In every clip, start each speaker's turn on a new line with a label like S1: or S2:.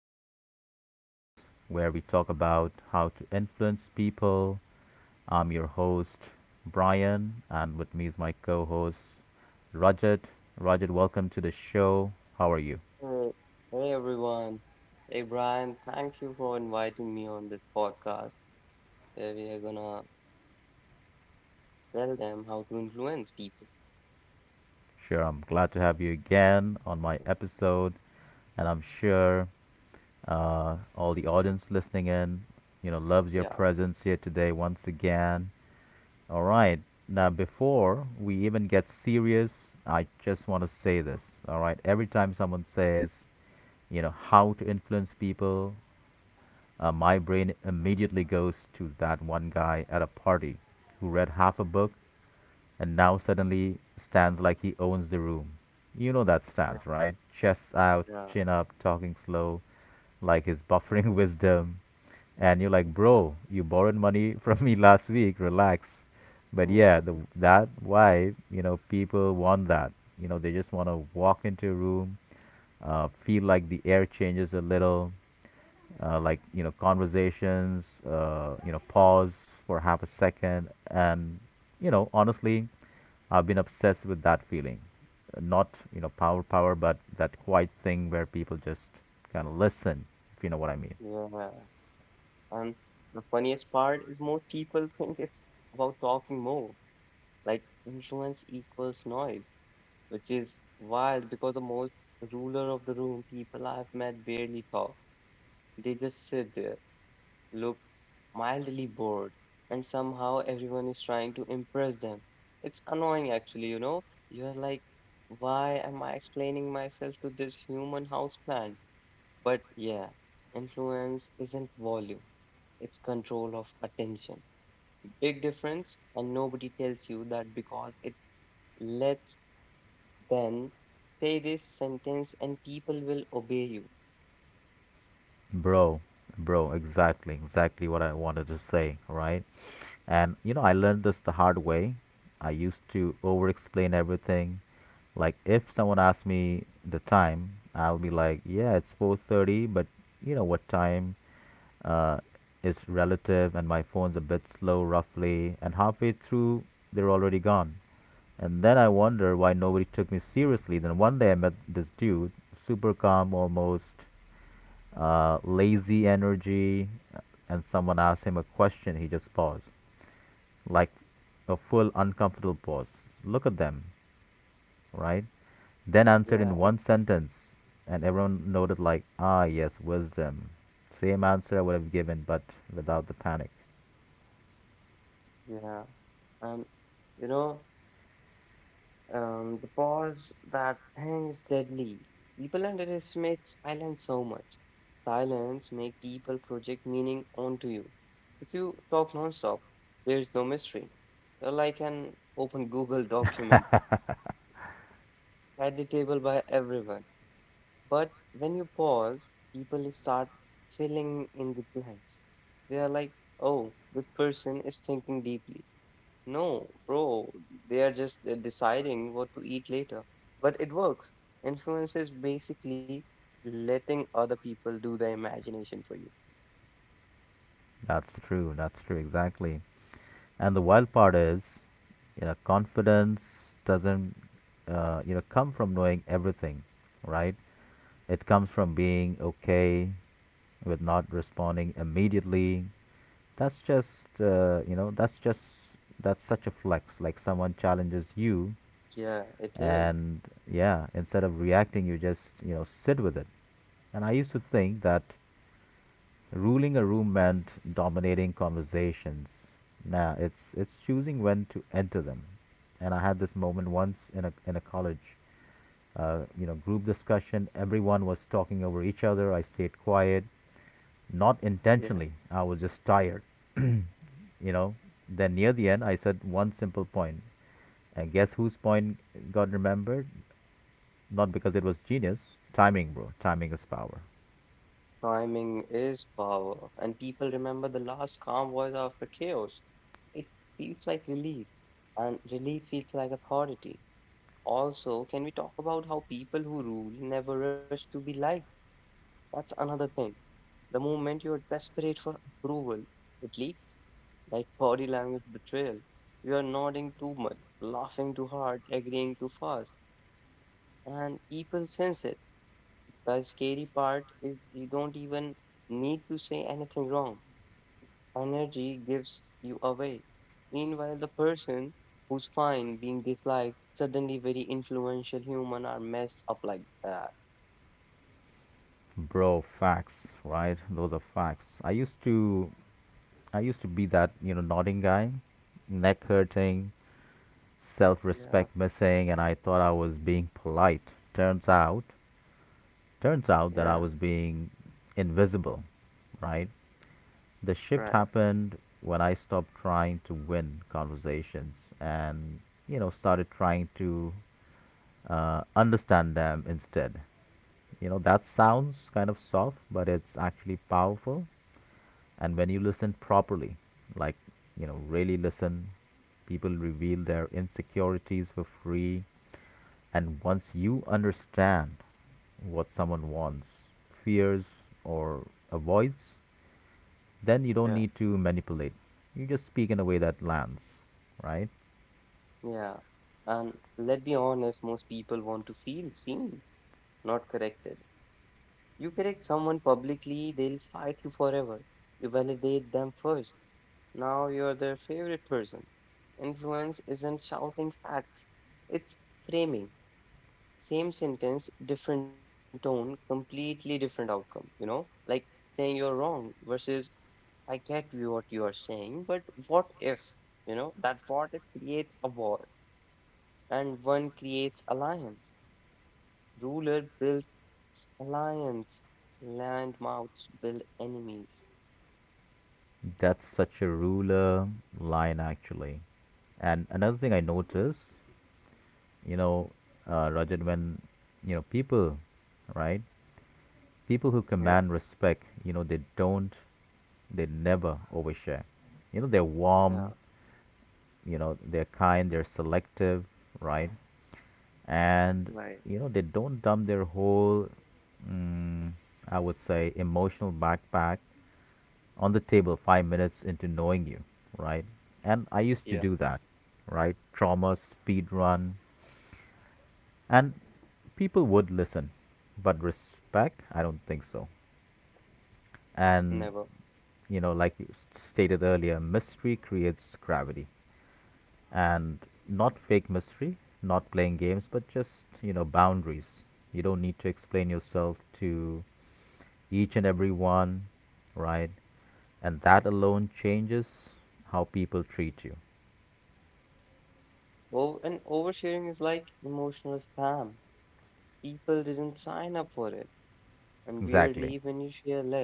S1: of Mind Games, where we talk about how to influence people. I'm your host, Brian, and with me is my co host, Rajat. Rajat, welcome to the show. How are you?
S2: Hey, hey everyone. Hey Brian, thank you for inviting me on this podcast where we are gonna tell them how to influence people.
S1: Sure, I'm glad to have you again on my episode, and I'm sure all the audience listening in, you know, loves your
S2: Yeah,
S1: presence here today once again. All right. Now, before we even get serious, I just want to say this. All right. Every time someone says, you know, how to influence people, my brain immediately goes to that one guy at a party who read half a book and now suddenly stands like he owns the room. You know that
S2: yeah,
S1: stance, right? Chest out,
S2: yeah.
S1: chin up, talking slow, like his buffering wisdom. And you're like,
S2: Yeah,
S1: bro, you borrowed money from me last week, relax. But
S2: mm.
S1: yeah, the, that why, you know, people want that. You know, they just want to walk into a room, feel like the air changes a little, like you know conversations you know pause for half a second. And you know, honestly, I've been obsessed with that feeling. Not you know power but that quiet thing where people just kind of listen, if you know what I mean.
S2: Yeah. And the funniest part is most people think it's about talking more. Like influence equals noise, which is wild because the most ruler of the room people I've met barely talk. They just sit there look mildly bored, and somehow everyone is trying to impress them. It's annoying, actually, you know? You're like, why am I explaining myself to this human houseplant? But yeah, influence isn't volume, it's control of attention. Big difference, and nobody tells you that because it lets them say this sentence and people will obey you.
S1: Bro, exactly, exactly what I wanted to say, right? And you know, I learned this the hard way. I used to over explain everything. Like if someone asked me the time, I'll be like, "Yeah, it's 4:30, but you know what time uh is relative and my phone's a bit slow roughly." And halfway through, they're already gone. And then I wonder why nobody took me seriously. Then one day I met this dude, super calm, almost lazy energy, uh, and someone asks him a question, he just pauses, like a full uncomfortable pause. Look at them, right? Then answered
S2: Yeah,
S1: in one sentence, and everyone noted, like, ah, yes, wisdom. Same answer I would have given, but without the panic.
S2: yeah. And you know, because that thing is deadly. People underestimate silence so much. Silence make people project meaning onto you. If you talk nonstop, there's no mystery. You're like an open Google document, editable by everyone. But when you pause, people start filling in the blanks. They are like, oh, this person is thinking deeply. No, bro, they are just deciding what to eat later. But it works. Influence is basically letting other people do the imagination for you.
S1: That's true, exactly. And the wild part is, you know, confidence doesn't, you know, come from knowing everything, right? It comes from being okay with not responding immediately. That's just you know, that's just that's such a flex. Like someone challenges you,
S2: Yeah, it is.
S1: and yeah, instead of reacting you just, you know, sit with it. And I used to think that ruling a room meant dominating conversations. Now it's choosing when to enter them. And I had this moment once in a college you know, group discussion. Everyone was talking over each other. I stayed quiet, not
S2: Yeah.
S1: intentionally. I was just tired, you know. Then near the end, I said one simple point. And guess whose point got remembered? Not because it was genius. Timing, bro. Timing is power.
S2: Timing is power. And people remember the last calm voice after chaos. It feels like relief. And relief feels like authority. Also, can we talk about how people who rule never rush to be liked? That's another thing. The moment you're desperate for approval, it leaks. Like body language betrayal. You are nodding too much, laughing too hard, agreeing too fast, and people sense it. The scary part is you don't even need to say anything wrong. Energy gives you away. Meanwhile, the person who's fine being disliked, suddenly very influential human are messed up like that.
S1: Bro, facts, right? Those are facts. I used to be that, you know, nodding guy, neck hurting,
S2: Yeah,
S1: self-respect missing, and I thought I was being polite. Turns
S2: yeah,
S1: out that I was being invisible, right? The
S2: right.
S1: shift happened when I stopped trying to win conversations and, you know, started trying to understand them instead. You know, that sounds kind of soft, but it's actually powerful. And when you listen properly, like, you know, really listen, people reveal their insecurities for free. And once you understand what someone wants, fears, or avoids, then you
S2: Yeah,
S1: don't need to manipulate. You just speak in a way that lands, right?
S2: yeah. And let's be honest, most people want to feel seen, not corrected. You correct someone publicly, they'll fight you forever. You validate them first. Now you're their favorite person. Influence isn't shouting facts, it's framing. Same sentence, different tone, completely different outcome, you know? Like saying you're wrong versus I get you what you are saying, but what if? You know, that what if creates a war and one creates alliance. Ruler builds alliance, landmouths build enemies.
S1: That's such a ruler line, actually. And another thing I noticed, you know, Rajat, when, you know, people, right?
S2: Yeah,
S1: People who command respect, you know, they never overshare. You know, they're
S2: yeah,
S1: warm, you know, they're kind, they're selective, right? And
S2: right.
S1: you know, they don't dump their whole mm, I would say emotional backpack on the table 5 minutes into knowing you, right? And I used
S2: Yeah,
S1: to do that, right? Trauma speed run. And people would listen, but respect, I don't think so.
S2: never.
S1: And you know, like you stated earlier, mystery creates gravity. And not fake mystery, not playing games, but just, you know, boundaries. You don't need to explain yourself to each and every one, right? And that alone changes how people treat you.
S2: Oh, and oversharing is like emotional spam. People didn't sign up for it. And weirdly, when you
S1: Exactly.
S2: share less,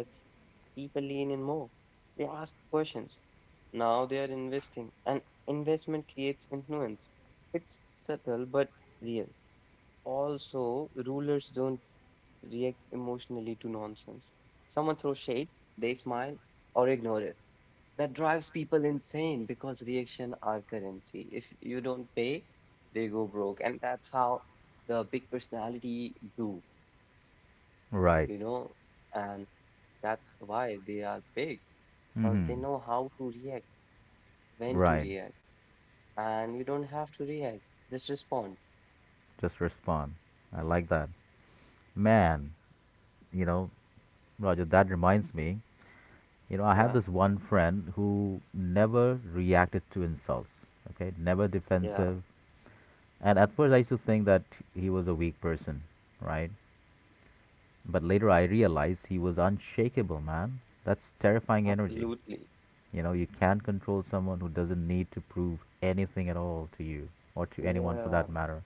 S2: people lean in more. They ask questions. Now they are investing, and investment creates influence. It's subtle but real. Also, rulers don't react emotionally to nonsense. Someone throws shade, they smile or ignore it. That drives people insane because reaction are currency. If you don't pay, they go broke. And that's how the big personality do, you know,
S1: Right.
S2: and that's why they are big because they
S1: Mhm.
S2: know how to react, when to
S1: Right.
S2: react, and you don't have to react. Just respond.
S1: Just respond. I like that. Man, you know, Roger, that reminds me, you know,
S2: Yeah,
S1: I had this one friend who never reacted to insults, okay? Never
S2: yeah,
S1: defensive. And at first, I used to think that he was a weak person, right? But later, I realized he was unshakable, man. That's terrifying energy.
S2: absolutely.
S1: You know, you can't control someone who doesn't need to prove anything at all to you or to anyone for
S2: Yeah,
S1: that matter.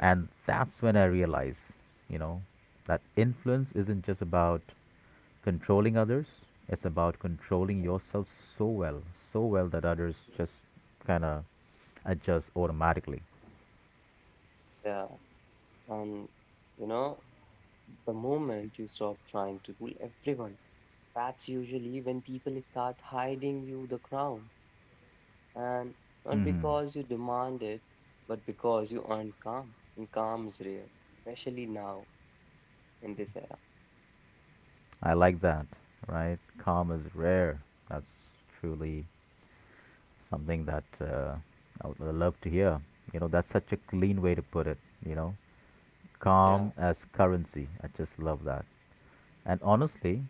S1: And that's when I realized, you know, that influence isn't just about controlling others, it's about controlling yourself so well, so well that others
S2: Yes,
S1: just kind of adjust automatically.
S2: yeah, and you know, the moment you stop trying to rule everyone, that's usually when people start hiding you the crown. And not
S1: Hmm.
S2: because you demand it, but because you earn calm. And calm is rare, especially now in this era.
S1: I like that, right? Calm is rare. That's truly something that I would love to hear. You know, that's such a clean way to put it, you know?
S2: Yeah,
S1: Calm as currency. I just love that. And honestly,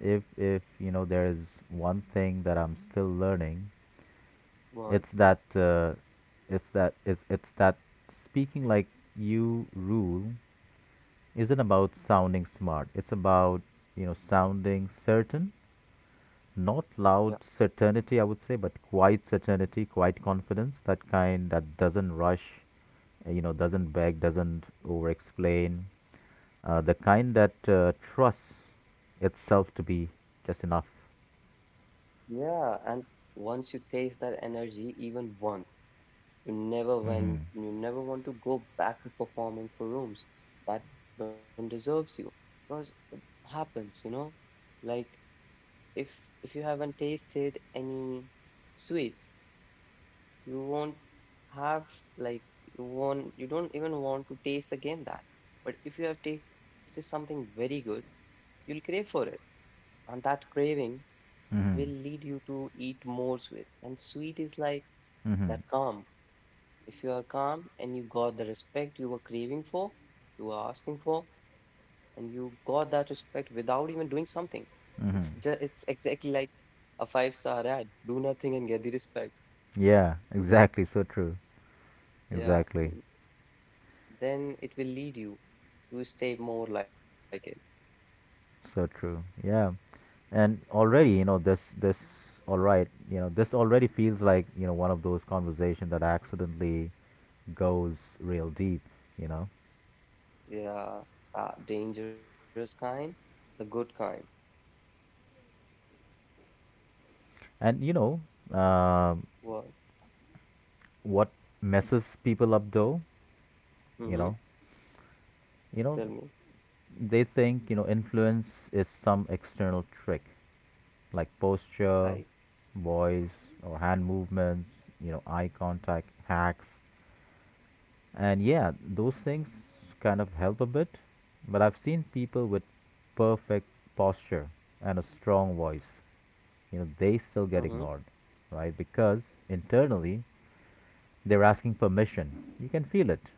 S1: if you know, there is one thing that I'm still learning,
S2: what?
S1: it's that it's that it's that speaking like you rule isn't about sounding smart. It's about, you know, sounding certain. Not
S2: Yeah.
S1: loud certainty, I would say, but quiet certainty, quiet confidence, that kind that doesn't rush, you know, doesn't beg, doesn't over explain. The kind that trusts itself to be just enough.
S2: Yeah, and once you taste that energy even once, You never
S1: Mm-hmm.
S2: when you never want to go back to performing for rooms that don't deserves you because it happens, you know. Like if if you haven't tasted any sweet, you won't have like you won't you don't even want to taste again that. But if you have tasted something very good, you'll crave for it, and that craving will
S1: Mm-hmm.
S2: lead you to eat more sweet. And sweet is like
S1: Mm-hmm.
S2: that calm. If you are calm and you got the respect you were craving for, you were asking for, and you got that respect without even doing something, it's
S1: Mm-hmm.
S2: just it's exactly like a five-star ad. Do nothing and get the respect.
S1: Yeah, exactly. So true.
S2: Yeah,
S1: Exactly.
S2: then it will lead you to stay more like it.
S1: So true. Yeah. And already, you know, this all right, you know, this already feels like, you know, one of those conversations that accidentally goes real deep, you know.
S2: Yeah, dangerous kind, the good kind.
S1: And you know, um,
S2: What?
S1: what messes people up though, you
S2: Mm-hmm.
S1: know, you know,
S2: Tell me,
S1: they think, you know, influence is some external trick, like
S2: right?
S1: posture, voice, or hand movements, you know, eye contact hacks, and yeah, those things kind of help a bit. But I've seen people with perfect posture and a strong voice, you know, they still get
S2: Mm-hmm.
S1: ignored, right? Because internally they're asking permission. You can feel it,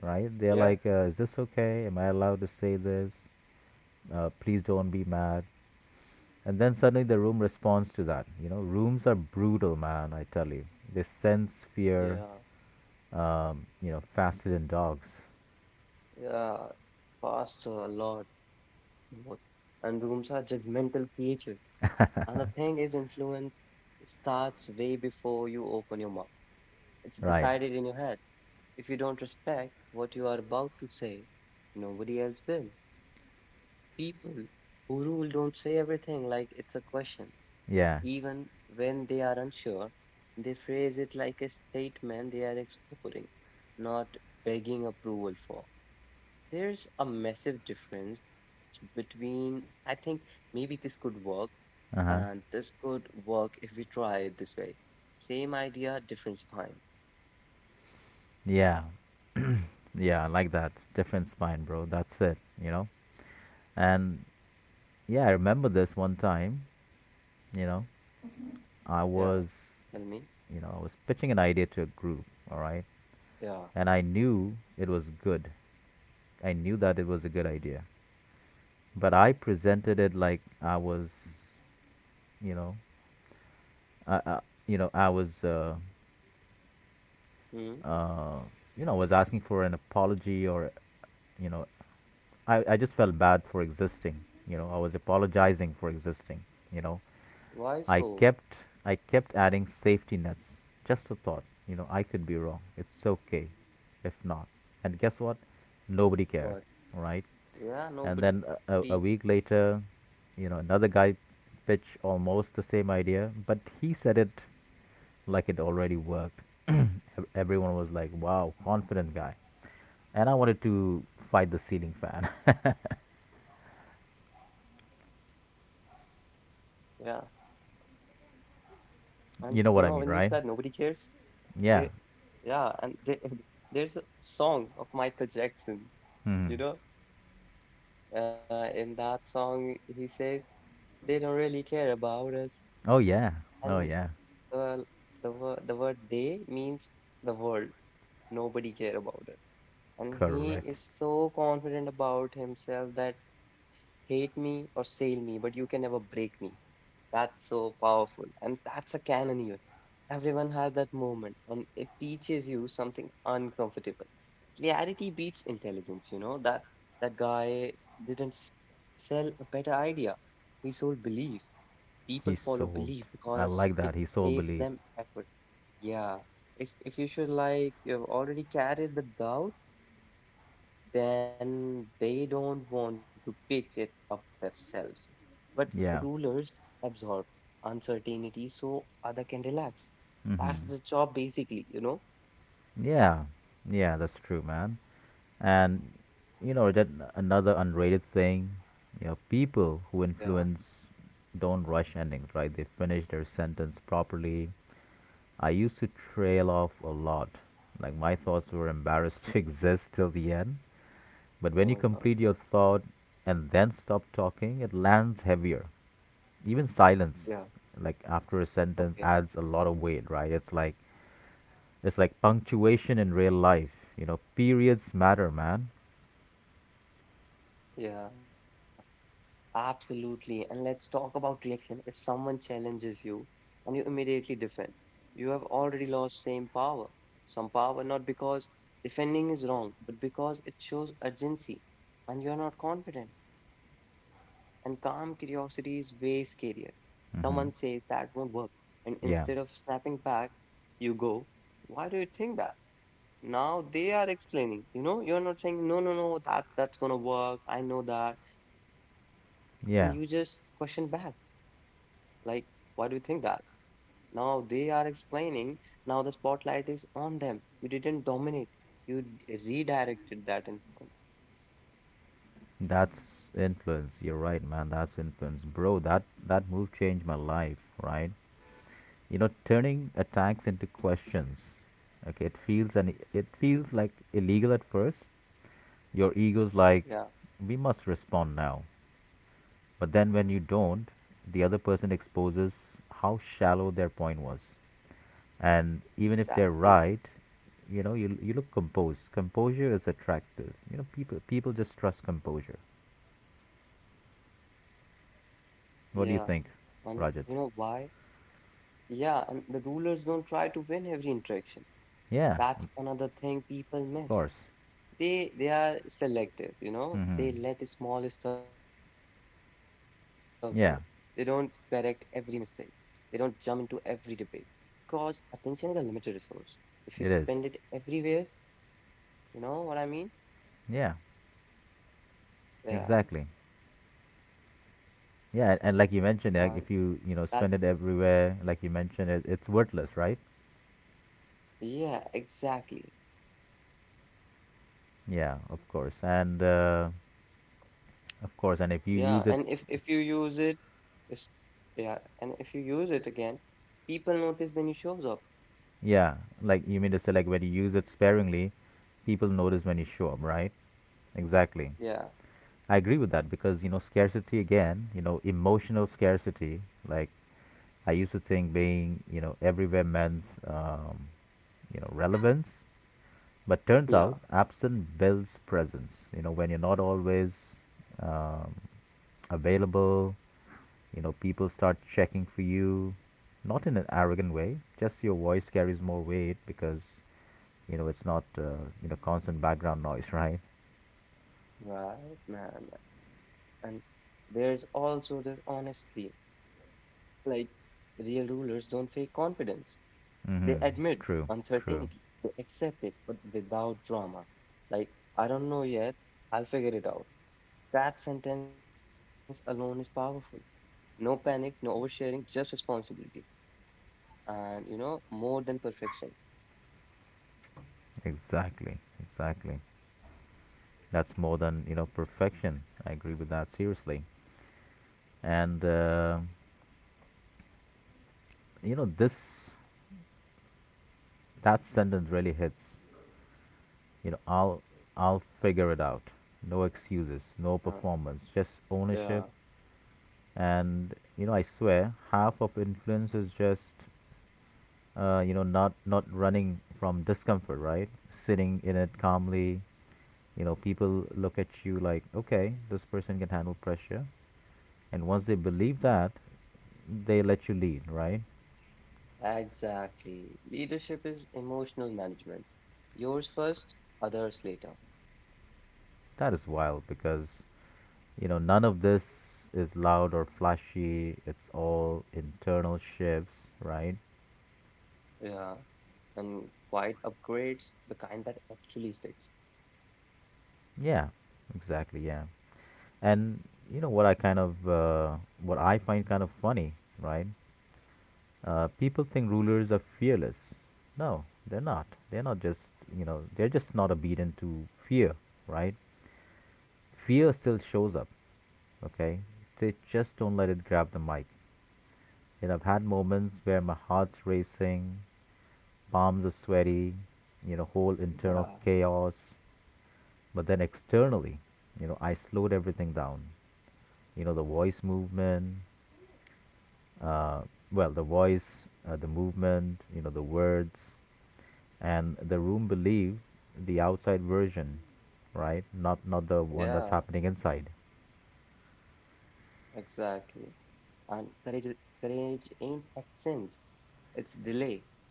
S1: right? They're
S2: Yeah,
S1: like, "Is this okay? Am I allowed to say this? Please don't be mad." And then suddenly the room responds to that. You know, rooms are brutal, man. I tell you, they sense
S2: yeah,
S1: fear. You know, faster than dogs.
S2: yeah. Faster, a lot more. And rooms are judgmental creatures. And the thing is, influence starts way before you open your mouth. It's
S1: Right.
S2: decided in your head. If you don't respect what you are about to say, nobody else will. People who rule don't say everything like it's a question.
S1: Yeah.
S2: Even when they are unsure, they phrase it like a statement they are exploring, not begging approval for. There's a massive difference between, I think maybe this could work
S1: Uh
S2: And
S1: huh.
S2: this could work if we try it this way. Same idea, different spine.
S1: Yeah. Yeah. I like that. Different spine, bro. That's it. You know. And yeah, I remember this one time. You know, I
S2: Yeah,
S1: was,
S2: tell me.
S1: you know, I was pitching an idea to a group. All right,
S2: Yeah.
S1: and I knew it was good. I knew that it was a good idea, but I presented it like I was, you know, I you know, I was,
S2: Hmm.
S1: uh, you know, was asking for an apology or, you know, I just felt bad for existing. You know, I was apologizing for existing. You know,
S2: Why
S1: I
S2: so?
S1: kept I kept adding safety nets. Just a thought. You know, I could be wrong. It's okay, if not. And guess what? Nobody cared.
S2: What?
S1: All right.
S2: Yeah,
S1: And then
S2: nobody.
S1: a, week later, you know, another guy pitched almost the same idea, but he said it like it already worked. Everyone was like, "Wow, confident guy," and I wanted to fight the ceiling fan.
S2: Yeah. And when you said nobody
S1: You know what I mean,
S2: cares,
S1: right?
S2: they,
S1: Yeah.
S2: yeah, and they, there's a song of Michael Jackson,
S1: Hmm.
S2: you know, in that song, he says, they don't really care about us.
S1: Oh yeah. Oh
S2: And
S1: yeah.
S2: uh, the word they means the world. Nobody care about us and he
S1: Correct.
S2: is so confident about himself that hate me or sail me, but you can never break me. That's so powerful, and that's a canon even. Everyone has that moment, and it teaches you something uncomfortable. Clarity beats intelligence, you know that that guy didn't sell a better idea. He sold belief. People
S1: He
S2: follow belief
S1: sold.
S2: because
S1: I like
S2: it
S1: that. He sold
S2: saves
S1: belief.
S2: them effort. Yeah. If you should like you've already carried the doubt then they don't want to pick it up themselves. But
S1: Yeah.
S2: rulers absorb uncertainty so other can relax. That's
S1: Hmm.
S2: the job basically, you know?
S1: Yeah, yeah, that's true, man. And you know that another unrated thing, you know, people who
S2: Yeah.
S1: influence don't rush endings, right? They finish their sentence properly. I used to trail off a lot. Like my thoughts were embarrassed to exist till the end. But when you
S2: Oh
S1: complete
S2: my
S1: your
S2: God.
S1: thought and then stop talking, it lands heavier. Even silence,
S2: Yeah.
S1: like after a sentence, adds
S2: Okay.
S1: a lot of weight, right? It's like punctuation in real life. You know, periods matter, man.
S2: Yeah. Absolutely. And let's talk about reaction. If someone challenges you and you immediately defend, you have already lost same power. Some power, not because defending is wrong, but because it shows urgency and you're not confident. And calm curiosity is way scarier. Someone says
S1: Mm-hmm.
S2: that won't work. And instead of
S1: Yeah,
S2: snapping back, you go, why do you think that? Now they are explaining, you know, you're not saying, no, no, no, that that's gonna work. I know that. And you just question
S1: yeah.
S2: back, like, why do you think that? Now they are explaining, now the spotlight is on them. You didn't dominate, you redirected that influence.
S1: That's influence. You're right, man. That's influence, bro. That move changed my life, right? You know, turning attacks into questions. Okay, it feels like illegal at first. Your ego's like,
S2: Yeah,
S1: we must respond now. But then when you don't, the other person exposes how shallow their point was. And even if they're
S2: exactly.
S1: right, you know, you look composed. Composure is attractive. You know, people just trust composure.
S2: Yeah,
S1: What do you
S2: and
S1: think,
S2: you know
S1: Rajat?
S2: why? Yeah, and the rulers don't try to win every interaction.
S1: Yeah.
S2: That's another thing people
S1: Of
S2: miss.
S1: course.
S2: They are selective, you know,
S1: Mm-hmm.
S2: they let small stuff go. They don't correct every
S1: Yeah,
S2: mistake. They don't jump into every debate because attention is a limited resource. If you spend it
S1: it is.
S2: everywhere, you know what I mean?
S1: Yeah,
S2: Yeah,
S1: exactly.
S2: man.
S1: Yeah, and like you mentioned, like if
S2: that's
S1: you you know spend it everywhere like you mentioned, it's worthless, right?
S2: yeah exactly.
S1: Yeah, of course. And uh, of course
S2: Yeah,
S1: and if
S2: and
S1: you use
S2: if
S1: it.
S2: you use it is yeah, and if you use it again, people notice when you shows up.
S1: Yeah, like you mean to say like when you use it sparingly, people notice when you show up, right? Exactly.
S2: Yeah.
S1: I agree with that because you know scarcity, again, you know emotional scarcity. Like, I used to think being you know everywhere meant you know relevance, but
S2: Yeah,
S1: turns out absent builds presence. You know when you're not always um, available, you know people start checking for you, not in an arrogant way. Just your voice carries more weight because you know it's not you know constant background noise, right?
S2: right, man. And there's also this, honestly. Like, real rulers don't fake confidence. They
S1: Mm-hmm.
S2: admit
S1: True.
S2: uncertainty,
S1: True.
S2: they accept it, but without drama. Like, I don't know yet, I'll figure it out. That sentence alone is powerful. No panic, no oversharing, just responsibility. And, you know, more than perfection.
S1: Exactly, exactly. That's more than you know perfection. I agree with that seriously. And you know this, that sentence really hits. You know, I'll figure it out. No excuses, no
S2: Uh,
S1: performance,
S2: yeah,
S1: just ownership. And you know, I swear, half of influence is just you know not running from discomfort, right? Sitting in it calmly. You know, people look at you like, okay, this person can handle pressure. And once they believe that, they let you lead, right?
S2: exactly. Leadership is emotional management. Yours first, others later.
S1: That is wild because, you know, none of this is loud or flashy. It's all internal shifts, right?
S2: Yeah. And quite upgrades the kind that actually sticks.
S1: Yeah, exactly, yeah. And, you know, what I find kind of funny, right? People think rulers are fearless. No, they're not. They're just not obedient to fear, right? Fear still shows up. Okay, they just don't let it grab the mic. You know, I've had moments where my heart's racing, palms are sweaty, you know, whole internal
S2: Yeah,
S1: chaos. But then externally, you know, I slowed everything down. You know the voice movement uh, well the voice, the movement, you know, the words. And the room believed the outside version, right? Not the one
S2: yeah,
S1: that's happening inside.
S2: exactly. And courage ain't absence, it's delay.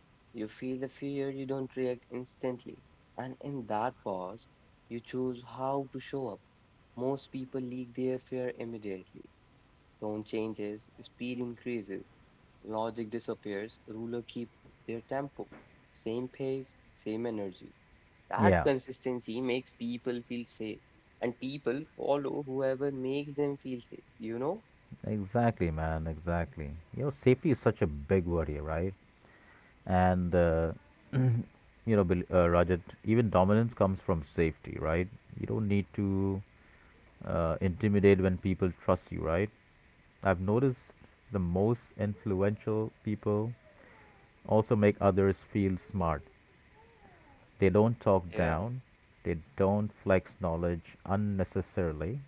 S2: You feel the fear, you don't react instantly. And in that pause, you choose how to show up. Most people leak their fear immediately. Tone changes, speed increases, logic disappears, ruler keep their tempo. Same pace, same energy. That
S1: Yeah.
S2: consistency makes people feel safe, and people follow whoever makes them feel safe, you know?
S1: Exactly, man. Exactly. You know, safety is such a big word here, right? And you know, Rajat, even dominance comes from safety, right? You don't need to intimidate when people trust you, right? I've noticed the most influential people also make others feel smart. They don't talk
S2: Yeah,
S1: down. They don't flex knowledge unnecessarily.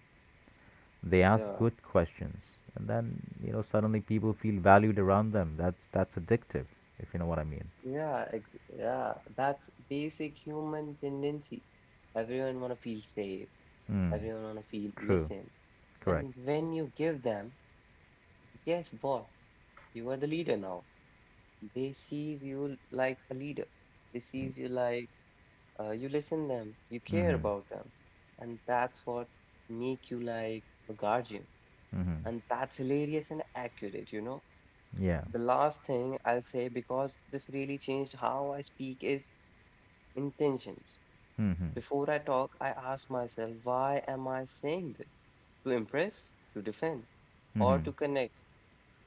S1: They ask
S2: yeah,
S1: good questions, and then you know suddenly people feel valued around them. That's addictive, if you know what I mean.
S2: yeah, ex yeah. That's basic human tendency. Everyone wanna feel safe,
S1: Mm,
S2: everyone wanna feel
S1: true.
S2: listened.
S1: Correct.
S2: And when you give them, guess what? You are the leader now. They sees you like a leader. They sees you like you listen them, you care
S1: Mm-hmm.
S2: about them. And that's what make you like a guardian.
S1: Mm-hmm.
S2: And that's hilarious and accurate, you know.
S1: Yeah.
S2: The last thing I'll say, because this really changed how I speak, is intentions.
S1: Mm-hmm.
S2: Before I talk, I ask myself, why am I saying this? To impress, to defend, or
S1: Mm-hmm.
S2: to connect,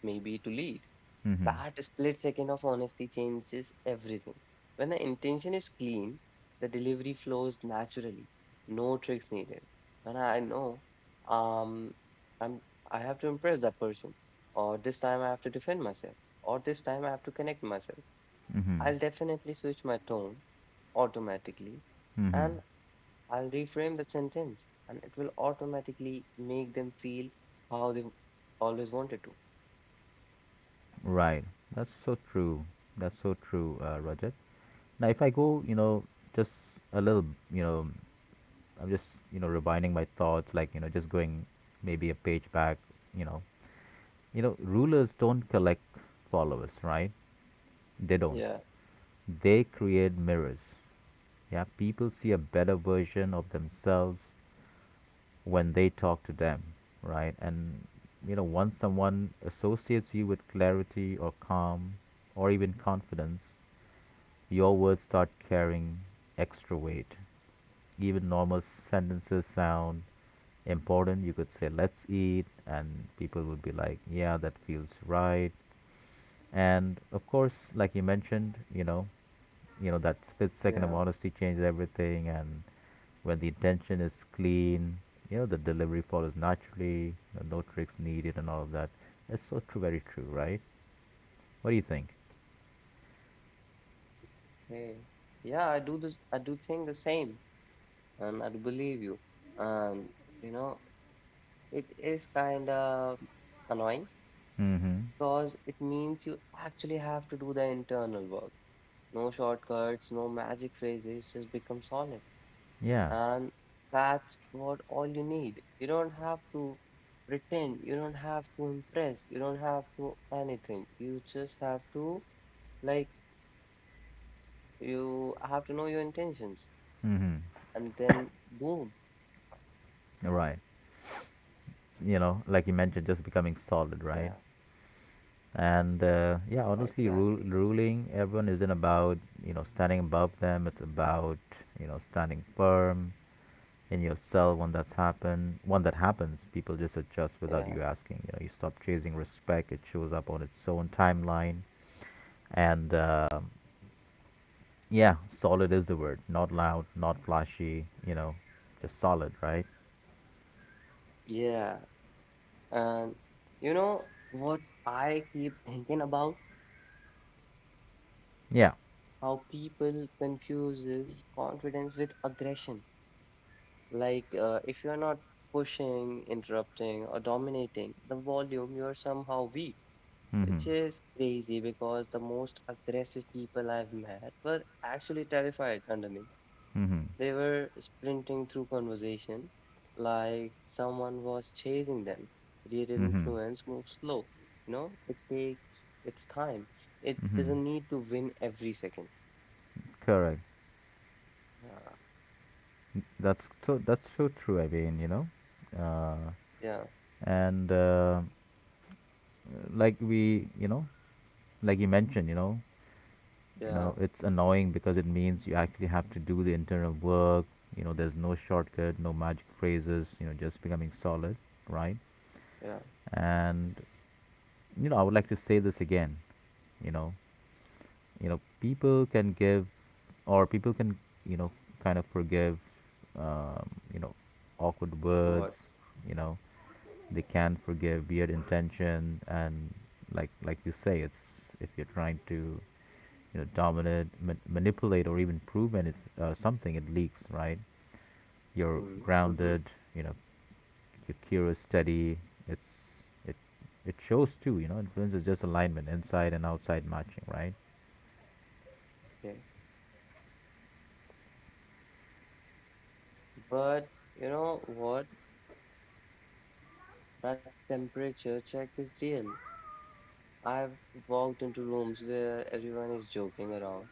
S2: maybe to lead.
S1: Mm-hmm.
S2: That split second of honesty changes everything. When the intention is clean, the delivery flows naturally. No tricks needed. When I know um I'm I have to impress that person, or this time I have to defend myself, or this time I have to connect myself,
S1: Mm-hmm.
S2: I'll definitely switch my tone automatically
S1: Mm-hmm.
S2: and I'll reframe the sentence and it will automatically make them feel how they always wanted to.
S1: Right. That's so true. That's so true, Rajat. Now if I go, you know, just a little, you know, I'm just you know refining my thoughts, like you know just going maybe a page back, you know. You know, rulers don't collect followers, right? They don't,
S2: Yeah,
S1: they create mirrors. Yeah, people see a better version of themselves when they talk to them, right? And you know once someone associates you with clarity or calm or even confidence, your words start carrying extra weight. Even normal sentences sound important. You could say let's eat and people would be like yeah, that feels right. And of course, like you mentioned, you know, you know that split
S2: yeah.
S1: second of honesty changes everything. And when the intention is clean, you know, the delivery follows naturally. No tricks needed and all of that. That's so true. Very true, right? What do you think?
S2: Hey, yeah, I do this. I do think the same, and I do believe you. And you know, it is kind of annoying
S1: Mm-hmm.
S2: because it means you actually have to do the internal work. No shortcuts, no magic phrases. Just become solid,
S1: Yeah.
S2: and that's what all you need. You don't have to pretend. You don't have to impress. You don't have to anything. You just have to like you have to know your intentions,
S1: Mm-hmm.
S2: and then boom.
S1: Right. You know, like you mentioned,
S2: Yeah.
S1: just becoming solid, right? And
S2: Exactly.
S1: yeah, honestly, ruling everyone isn't about you know standing above them. It's about you know standing firm in yourself. When that happens, people just
S2: Yeah.
S1: adjust without you asking. You know, you stop chasing respect. It shows up on its own timeline. And um, yeah, solid is the word. Not loud, not flashy, you know, just solid, right?
S2: Yeah. And you know what I keep thinking about?
S1: Yeah.
S2: How people confuses confidence with aggression. If you're not pushing, interrupting, or dominating the volume, you're somehow weak, which
S1: Mm-hmm.
S2: is crazy because the most aggressive people I've met were actually terrified underneath.
S1: Mm-hmm.
S2: They were sprinting through conversation like someone was chasing them. Real
S1: Mm-hmm.
S2: influence moves slow. You know, it takes its time. It
S1: Mm-hmm.
S2: doesn't need to win every second.
S1: Correct.
S2: Yeah,
S1: That's so true. I mean, you know, uh
S2: yeah,
S1: and like we you know like you mentioned, you know, you know
S2: yeah,
S1: it's annoying because it means you actually have to do the internal work. You know, there's no shortcut, no magic phrases, you know, just becoming solid, right?
S2: yeah.
S1: And you know, I would like to say this again, you know. You know, people can give, or people can, you know, kind of forgive you know awkward
S2: What?
S1: words. You know, they can forgive weird intention. And like you say, it's if you're trying to you know dominate, manipulate, or even prove something, it leaks, right? You're
S2: Mm, mm-hmm.
S1: grounded, you know, you're curious, steady. It's it it shows too, you know. Influence is just alignment, inside and outside matching, right?
S2: Okay. But you know what? That temperature check is real. I've walked into rooms where everyone is joking around,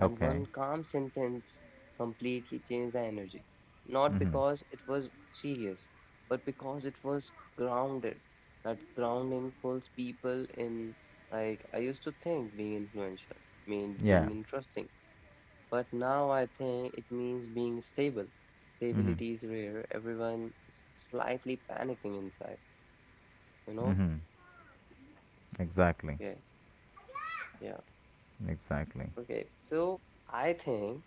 S2: and
S1: Okay.
S2: one calm sentence completely changed the energy. Not
S1: Mhm.
S2: because it was serious, but because it was grounded. That grounding pulls people in. Like, I used to think being influential meant
S1: Yeah.
S2: being interesting, but now I think it means being stable.
S1: Mhm.
S2: Stability is rare, everyone is slightly panicking inside, you know?
S1: Mhm. Exactly.
S2: Okay. Yeah.
S1: Exactly.
S2: Okay, so I think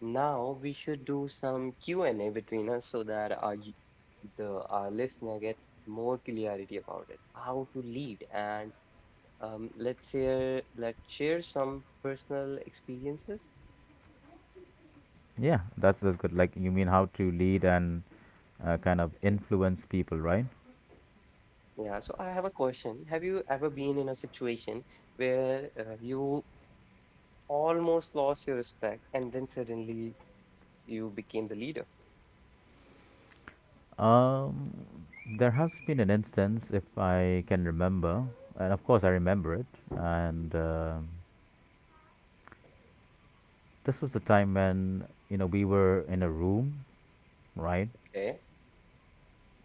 S2: now we should do some Q&A between us so that our y- the our listener get more clarity about it, how to lead, and let's share some personal experiences.
S1: Yeah, that's good. Like you mean how to lead and kind of
S2: Okay,
S1: influence people, right?
S2: yeah. So I have a question. Have you ever been in a situation where you almost lost your respect and then suddenly you became the leader?
S1: Um, there has been an instance, if I can remember, and of course I remember it. And um, this was the time when you know we were in a room, right?
S2: Okay.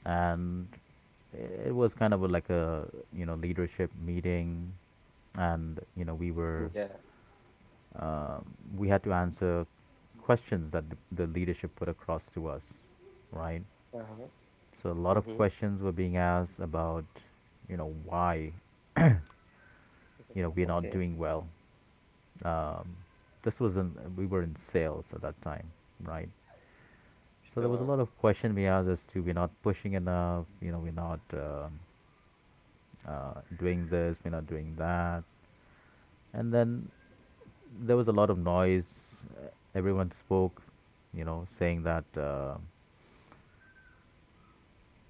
S1: And it was kind of a, like a you know leadership meeting, and you know we were
S2: Yeah.
S1: um, we had to answer questions that the leadership put across to us, right?
S2: Uh-huh.
S1: So a lot of
S2: Mm-hmm.
S1: questions were being asked about you know why, you know we're
S2: Okay.
S1: not doing well. Um, this was in, we were in sales at that time, right? So there was a
S2: Sure.
S1: lot of question we asked as to we're not pushing enough, you know, we're not doing this, we're not doing that. And then there was a lot of noise. Uh, everyone spoke, you know, saying that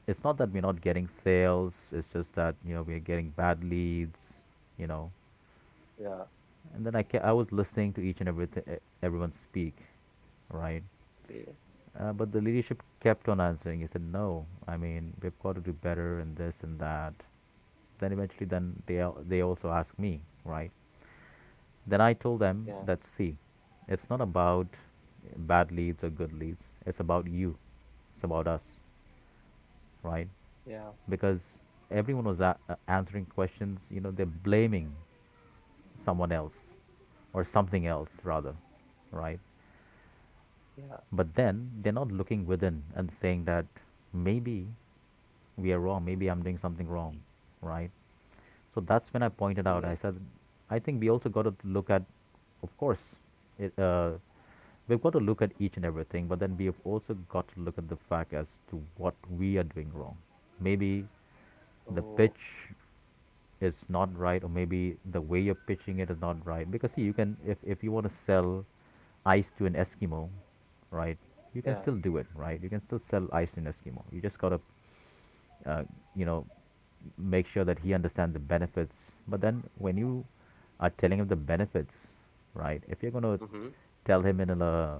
S1: it's not that we're not getting sales, it's just that you know we're getting bad leads, you know.
S2: Yeah,
S1: And then I was listening to each and everything, everyone speak, right?
S2: okay.
S1: But the leadership kept on answering. He said, "No, I mean we've got to do better and this and that." Then eventually, then they also asked me, right? Then I told
S2: Yeah,
S1: them that see, it's not about bad leads or good leads. It's about you. It's about us, right?
S2: yeah,
S1: Because everyone was answering questions. You know, they're blaming someone else or something else rather, right?
S2: yeah.
S1: But then they're not looking within and saying that maybe we are wrong, maybe I'm doing
S2: Mm.
S1: something wrong, right? So that's when I
S2: Okay.
S1: pointed out. I said, I think we also got to look at, of course, it, uh, we've got to look at each and everything, but then we have also got to look at the fact as to what we are doing wrong. Maybe
S2: Oh,
S1: the pitch is not right, or maybe the way you're pitching it is not right. Because see, you can, if you want to sell ice to an Eskimo, right? You can
S2: yeah.
S1: still do it, right? You can still sell ice to an Eskimo. You just gotta uh, you know, make sure that he understands the benefits. But then when you are telling him the benefits, right? If you're going to
S2: Mm-hmm.
S1: tell him in a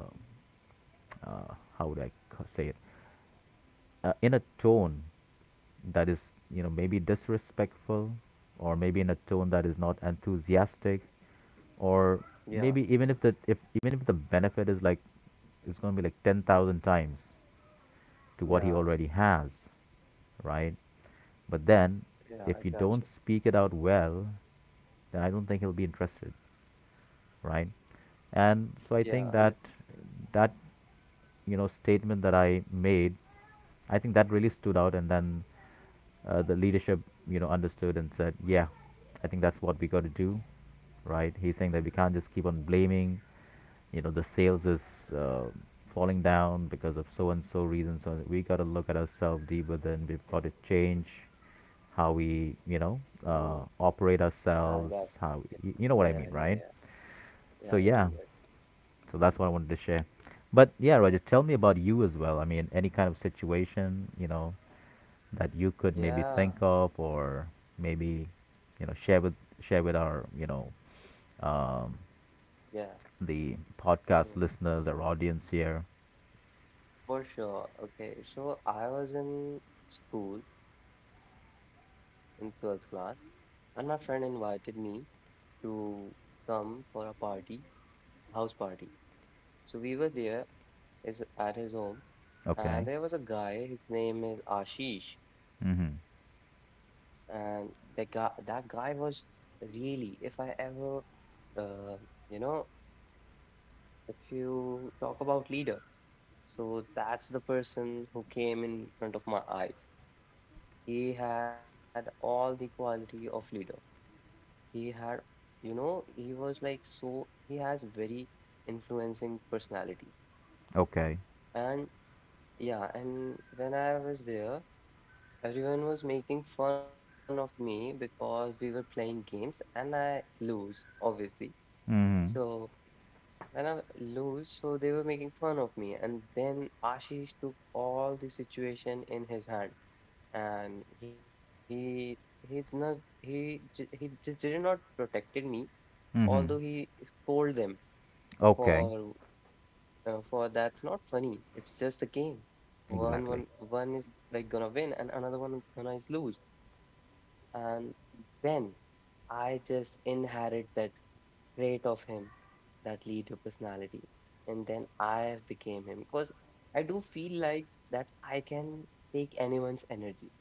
S1: how would I say it? In a tone that is, you know, maybe disrespectful, or maybe in a tone that is not enthusiastic, or
S2: Yeah,
S1: maybe even if the benefit is like it's going to be like 10,000 times to what he
S2: yeah,
S1: already has, right? But then,
S2: yeah. I got
S1: if
S2: you.
S1: you don't speak it out well, then I don't think he'll be interested, right? And so I
S2: Yeah,
S1: think
S2: 100.
S1: that that you know statement that I made, I think that really stood out, and then the leadership you know understood and said, yeah, I think that's what we got to do, right? He's saying that we can't just keep on blaming, you know, the sales is uh, falling down because of so and so reason. So we got to look at ourselves deeper. Than we've got to change how we you know
S2: Mm,
S1: operate
S2: I got
S1: ourselves,
S2: it.
S1: how we, you know
S2: Yeah,
S1: what I mean,
S2: yeah, yeah.
S1: right?
S2: Yeah,
S1: So
S2: I do.
S1: yeah,
S2: I do.
S1: so that's what I wanted to share. But yeah, Roger, tell me about you as well. I mean, any kind of situation, you know, that you could maybe
S2: Yeah,
S1: think of or maybe, you know, share with our, you know, um,
S2: yeah.
S1: the
S2: Mm,
S1: podcast listeners, our audience here.
S2: for sure. Okay. So I was in school in 12th class, and my friend invited me to come for a party, house party. So we were there is at his home,
S1: Okay.
S2: and there was a guy, his name is Ashish.
S1: Mm-hmm.
S2: And the guy that guy was really, if I ever, uh, you know, if you talk about leader, so that's the person who came in front of my eyes. He had all the quality of leader. He had, you know, he was like, so he has very influencing personality.
S1: Okay.
S2: And yeah, and when I was there, everyone was making fun of me because we were playing games and I lose, obviously.
S1: Mm-hmm.
S2: So when I lose, so they were making fun of me. And then Ashish took all the situation in his hand, and he he's not he ju- he ju- did not protected me, although
S1: Mm-hmm.
S2: he scolded them
S1: Okay.
S2: for, for that's not funny. It's just a game. One
S1: Exactly.
S2: one one is like gonna win and another one gonna is lose. And then I just inherit that trait of him, that leader personality, and then I have became him because I do feel like that I can take anyone's energy.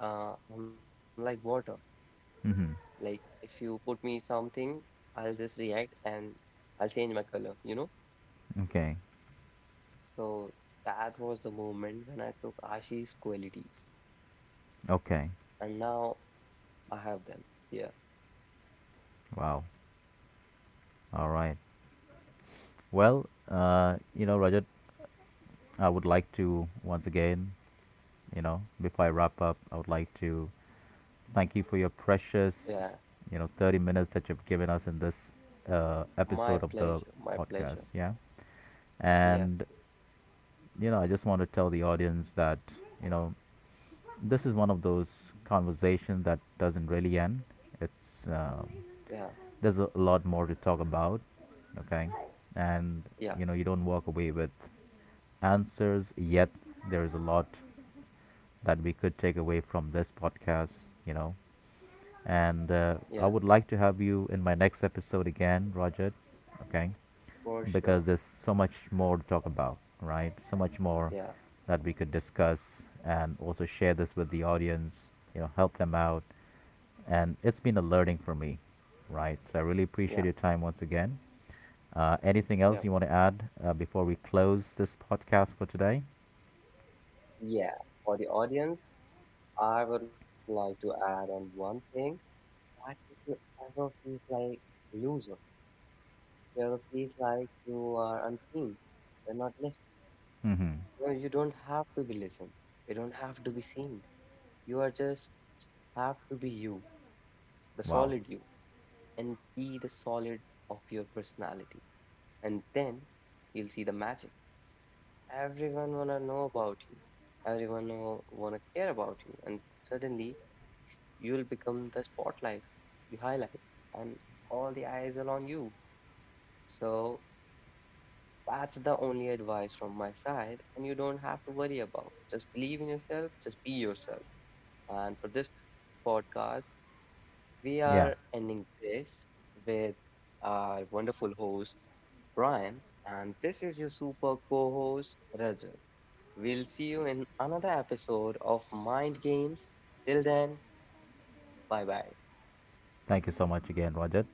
S2: I'm like water. Like
S1: Mm-hmm.
S2: if you put me something, I'll just react and I'll change my color, you know?
S1: Okay.
S2: So that was the moment when I took Ashi's qualities,
S1: Okay.
S2: and now I have them. Yeah,
S1: Wow. All right. Well, you know, Rajat, I would like to once again you know, before I wrap up, I would like to thank you for your
S2: yeah.
S1: precious, you know, 30 minutes that you've given us in this
S2: My
S1: episode of
S2: pleasure,
S1: the
S2: my pleasure.
S1: podcast. Yeah.
S2: Yeah,
S1: And, you know, I just want to tell the audience that, you know, this is one of those conversations that doesn't really end. It's,
S2: yeah,
S1: there's a lot more to talk about. Okay. And,
S2: yeah.
S1: you know, you don't walk away with answers yet. There is a lot that we could take away from this podcast, you know. And
S2: Yeah.
S1: I would like to have you in my next episode again, Roger, okay?
S2: For sure.
S1: Because there's so much more to talk about, right? So much more
S2: Yeah,
S1: that we could discuss and also share this with the audience, you know, help them out. And it's been a learning for me, right? So I really
S2: yeah,
S1: appreciate your time once again.
S2: yeah.
S1: Anything else you want to add before we close this podcast for today?
S2: Yeah. For the audience, I would like to add on one thing that if you ever feels like a loser, if you ever feels like you are unseen, you're not listened.
S1: Hmm.
S2: No, you don't have to be listened. You don't have to be seen. You are just have to be you, the solid
S1: Wow.
S2: you, and be the solid of your personality. And then you'll see the magic. Everyone wanna know about you. Everyone know, wanna care about you. And suddenly you'll become the spotlight. You highlight, and all the eyes are on you. So that's the only advice from my side, and you don't have to worry about. Just believe in yourself. Just be yourself. And for this podcast, we are
S1: Yeah.
S2: ending this with our wonderful host Brian, and this is your super co-host Rajat. We'll see you in another episode of Mind Games. Till then, bye bye.
S1: Thank you so much again, Roger.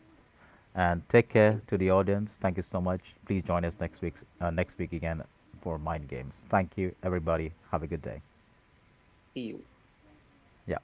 S1: And take
S2: Thank
S1: care
S2: you.
S1: to the audience. Thank you so much. Please join us next week, next week again for Mind Games. Thank you, everybody. Have a good day.
S2: See you.
S1: Yeah.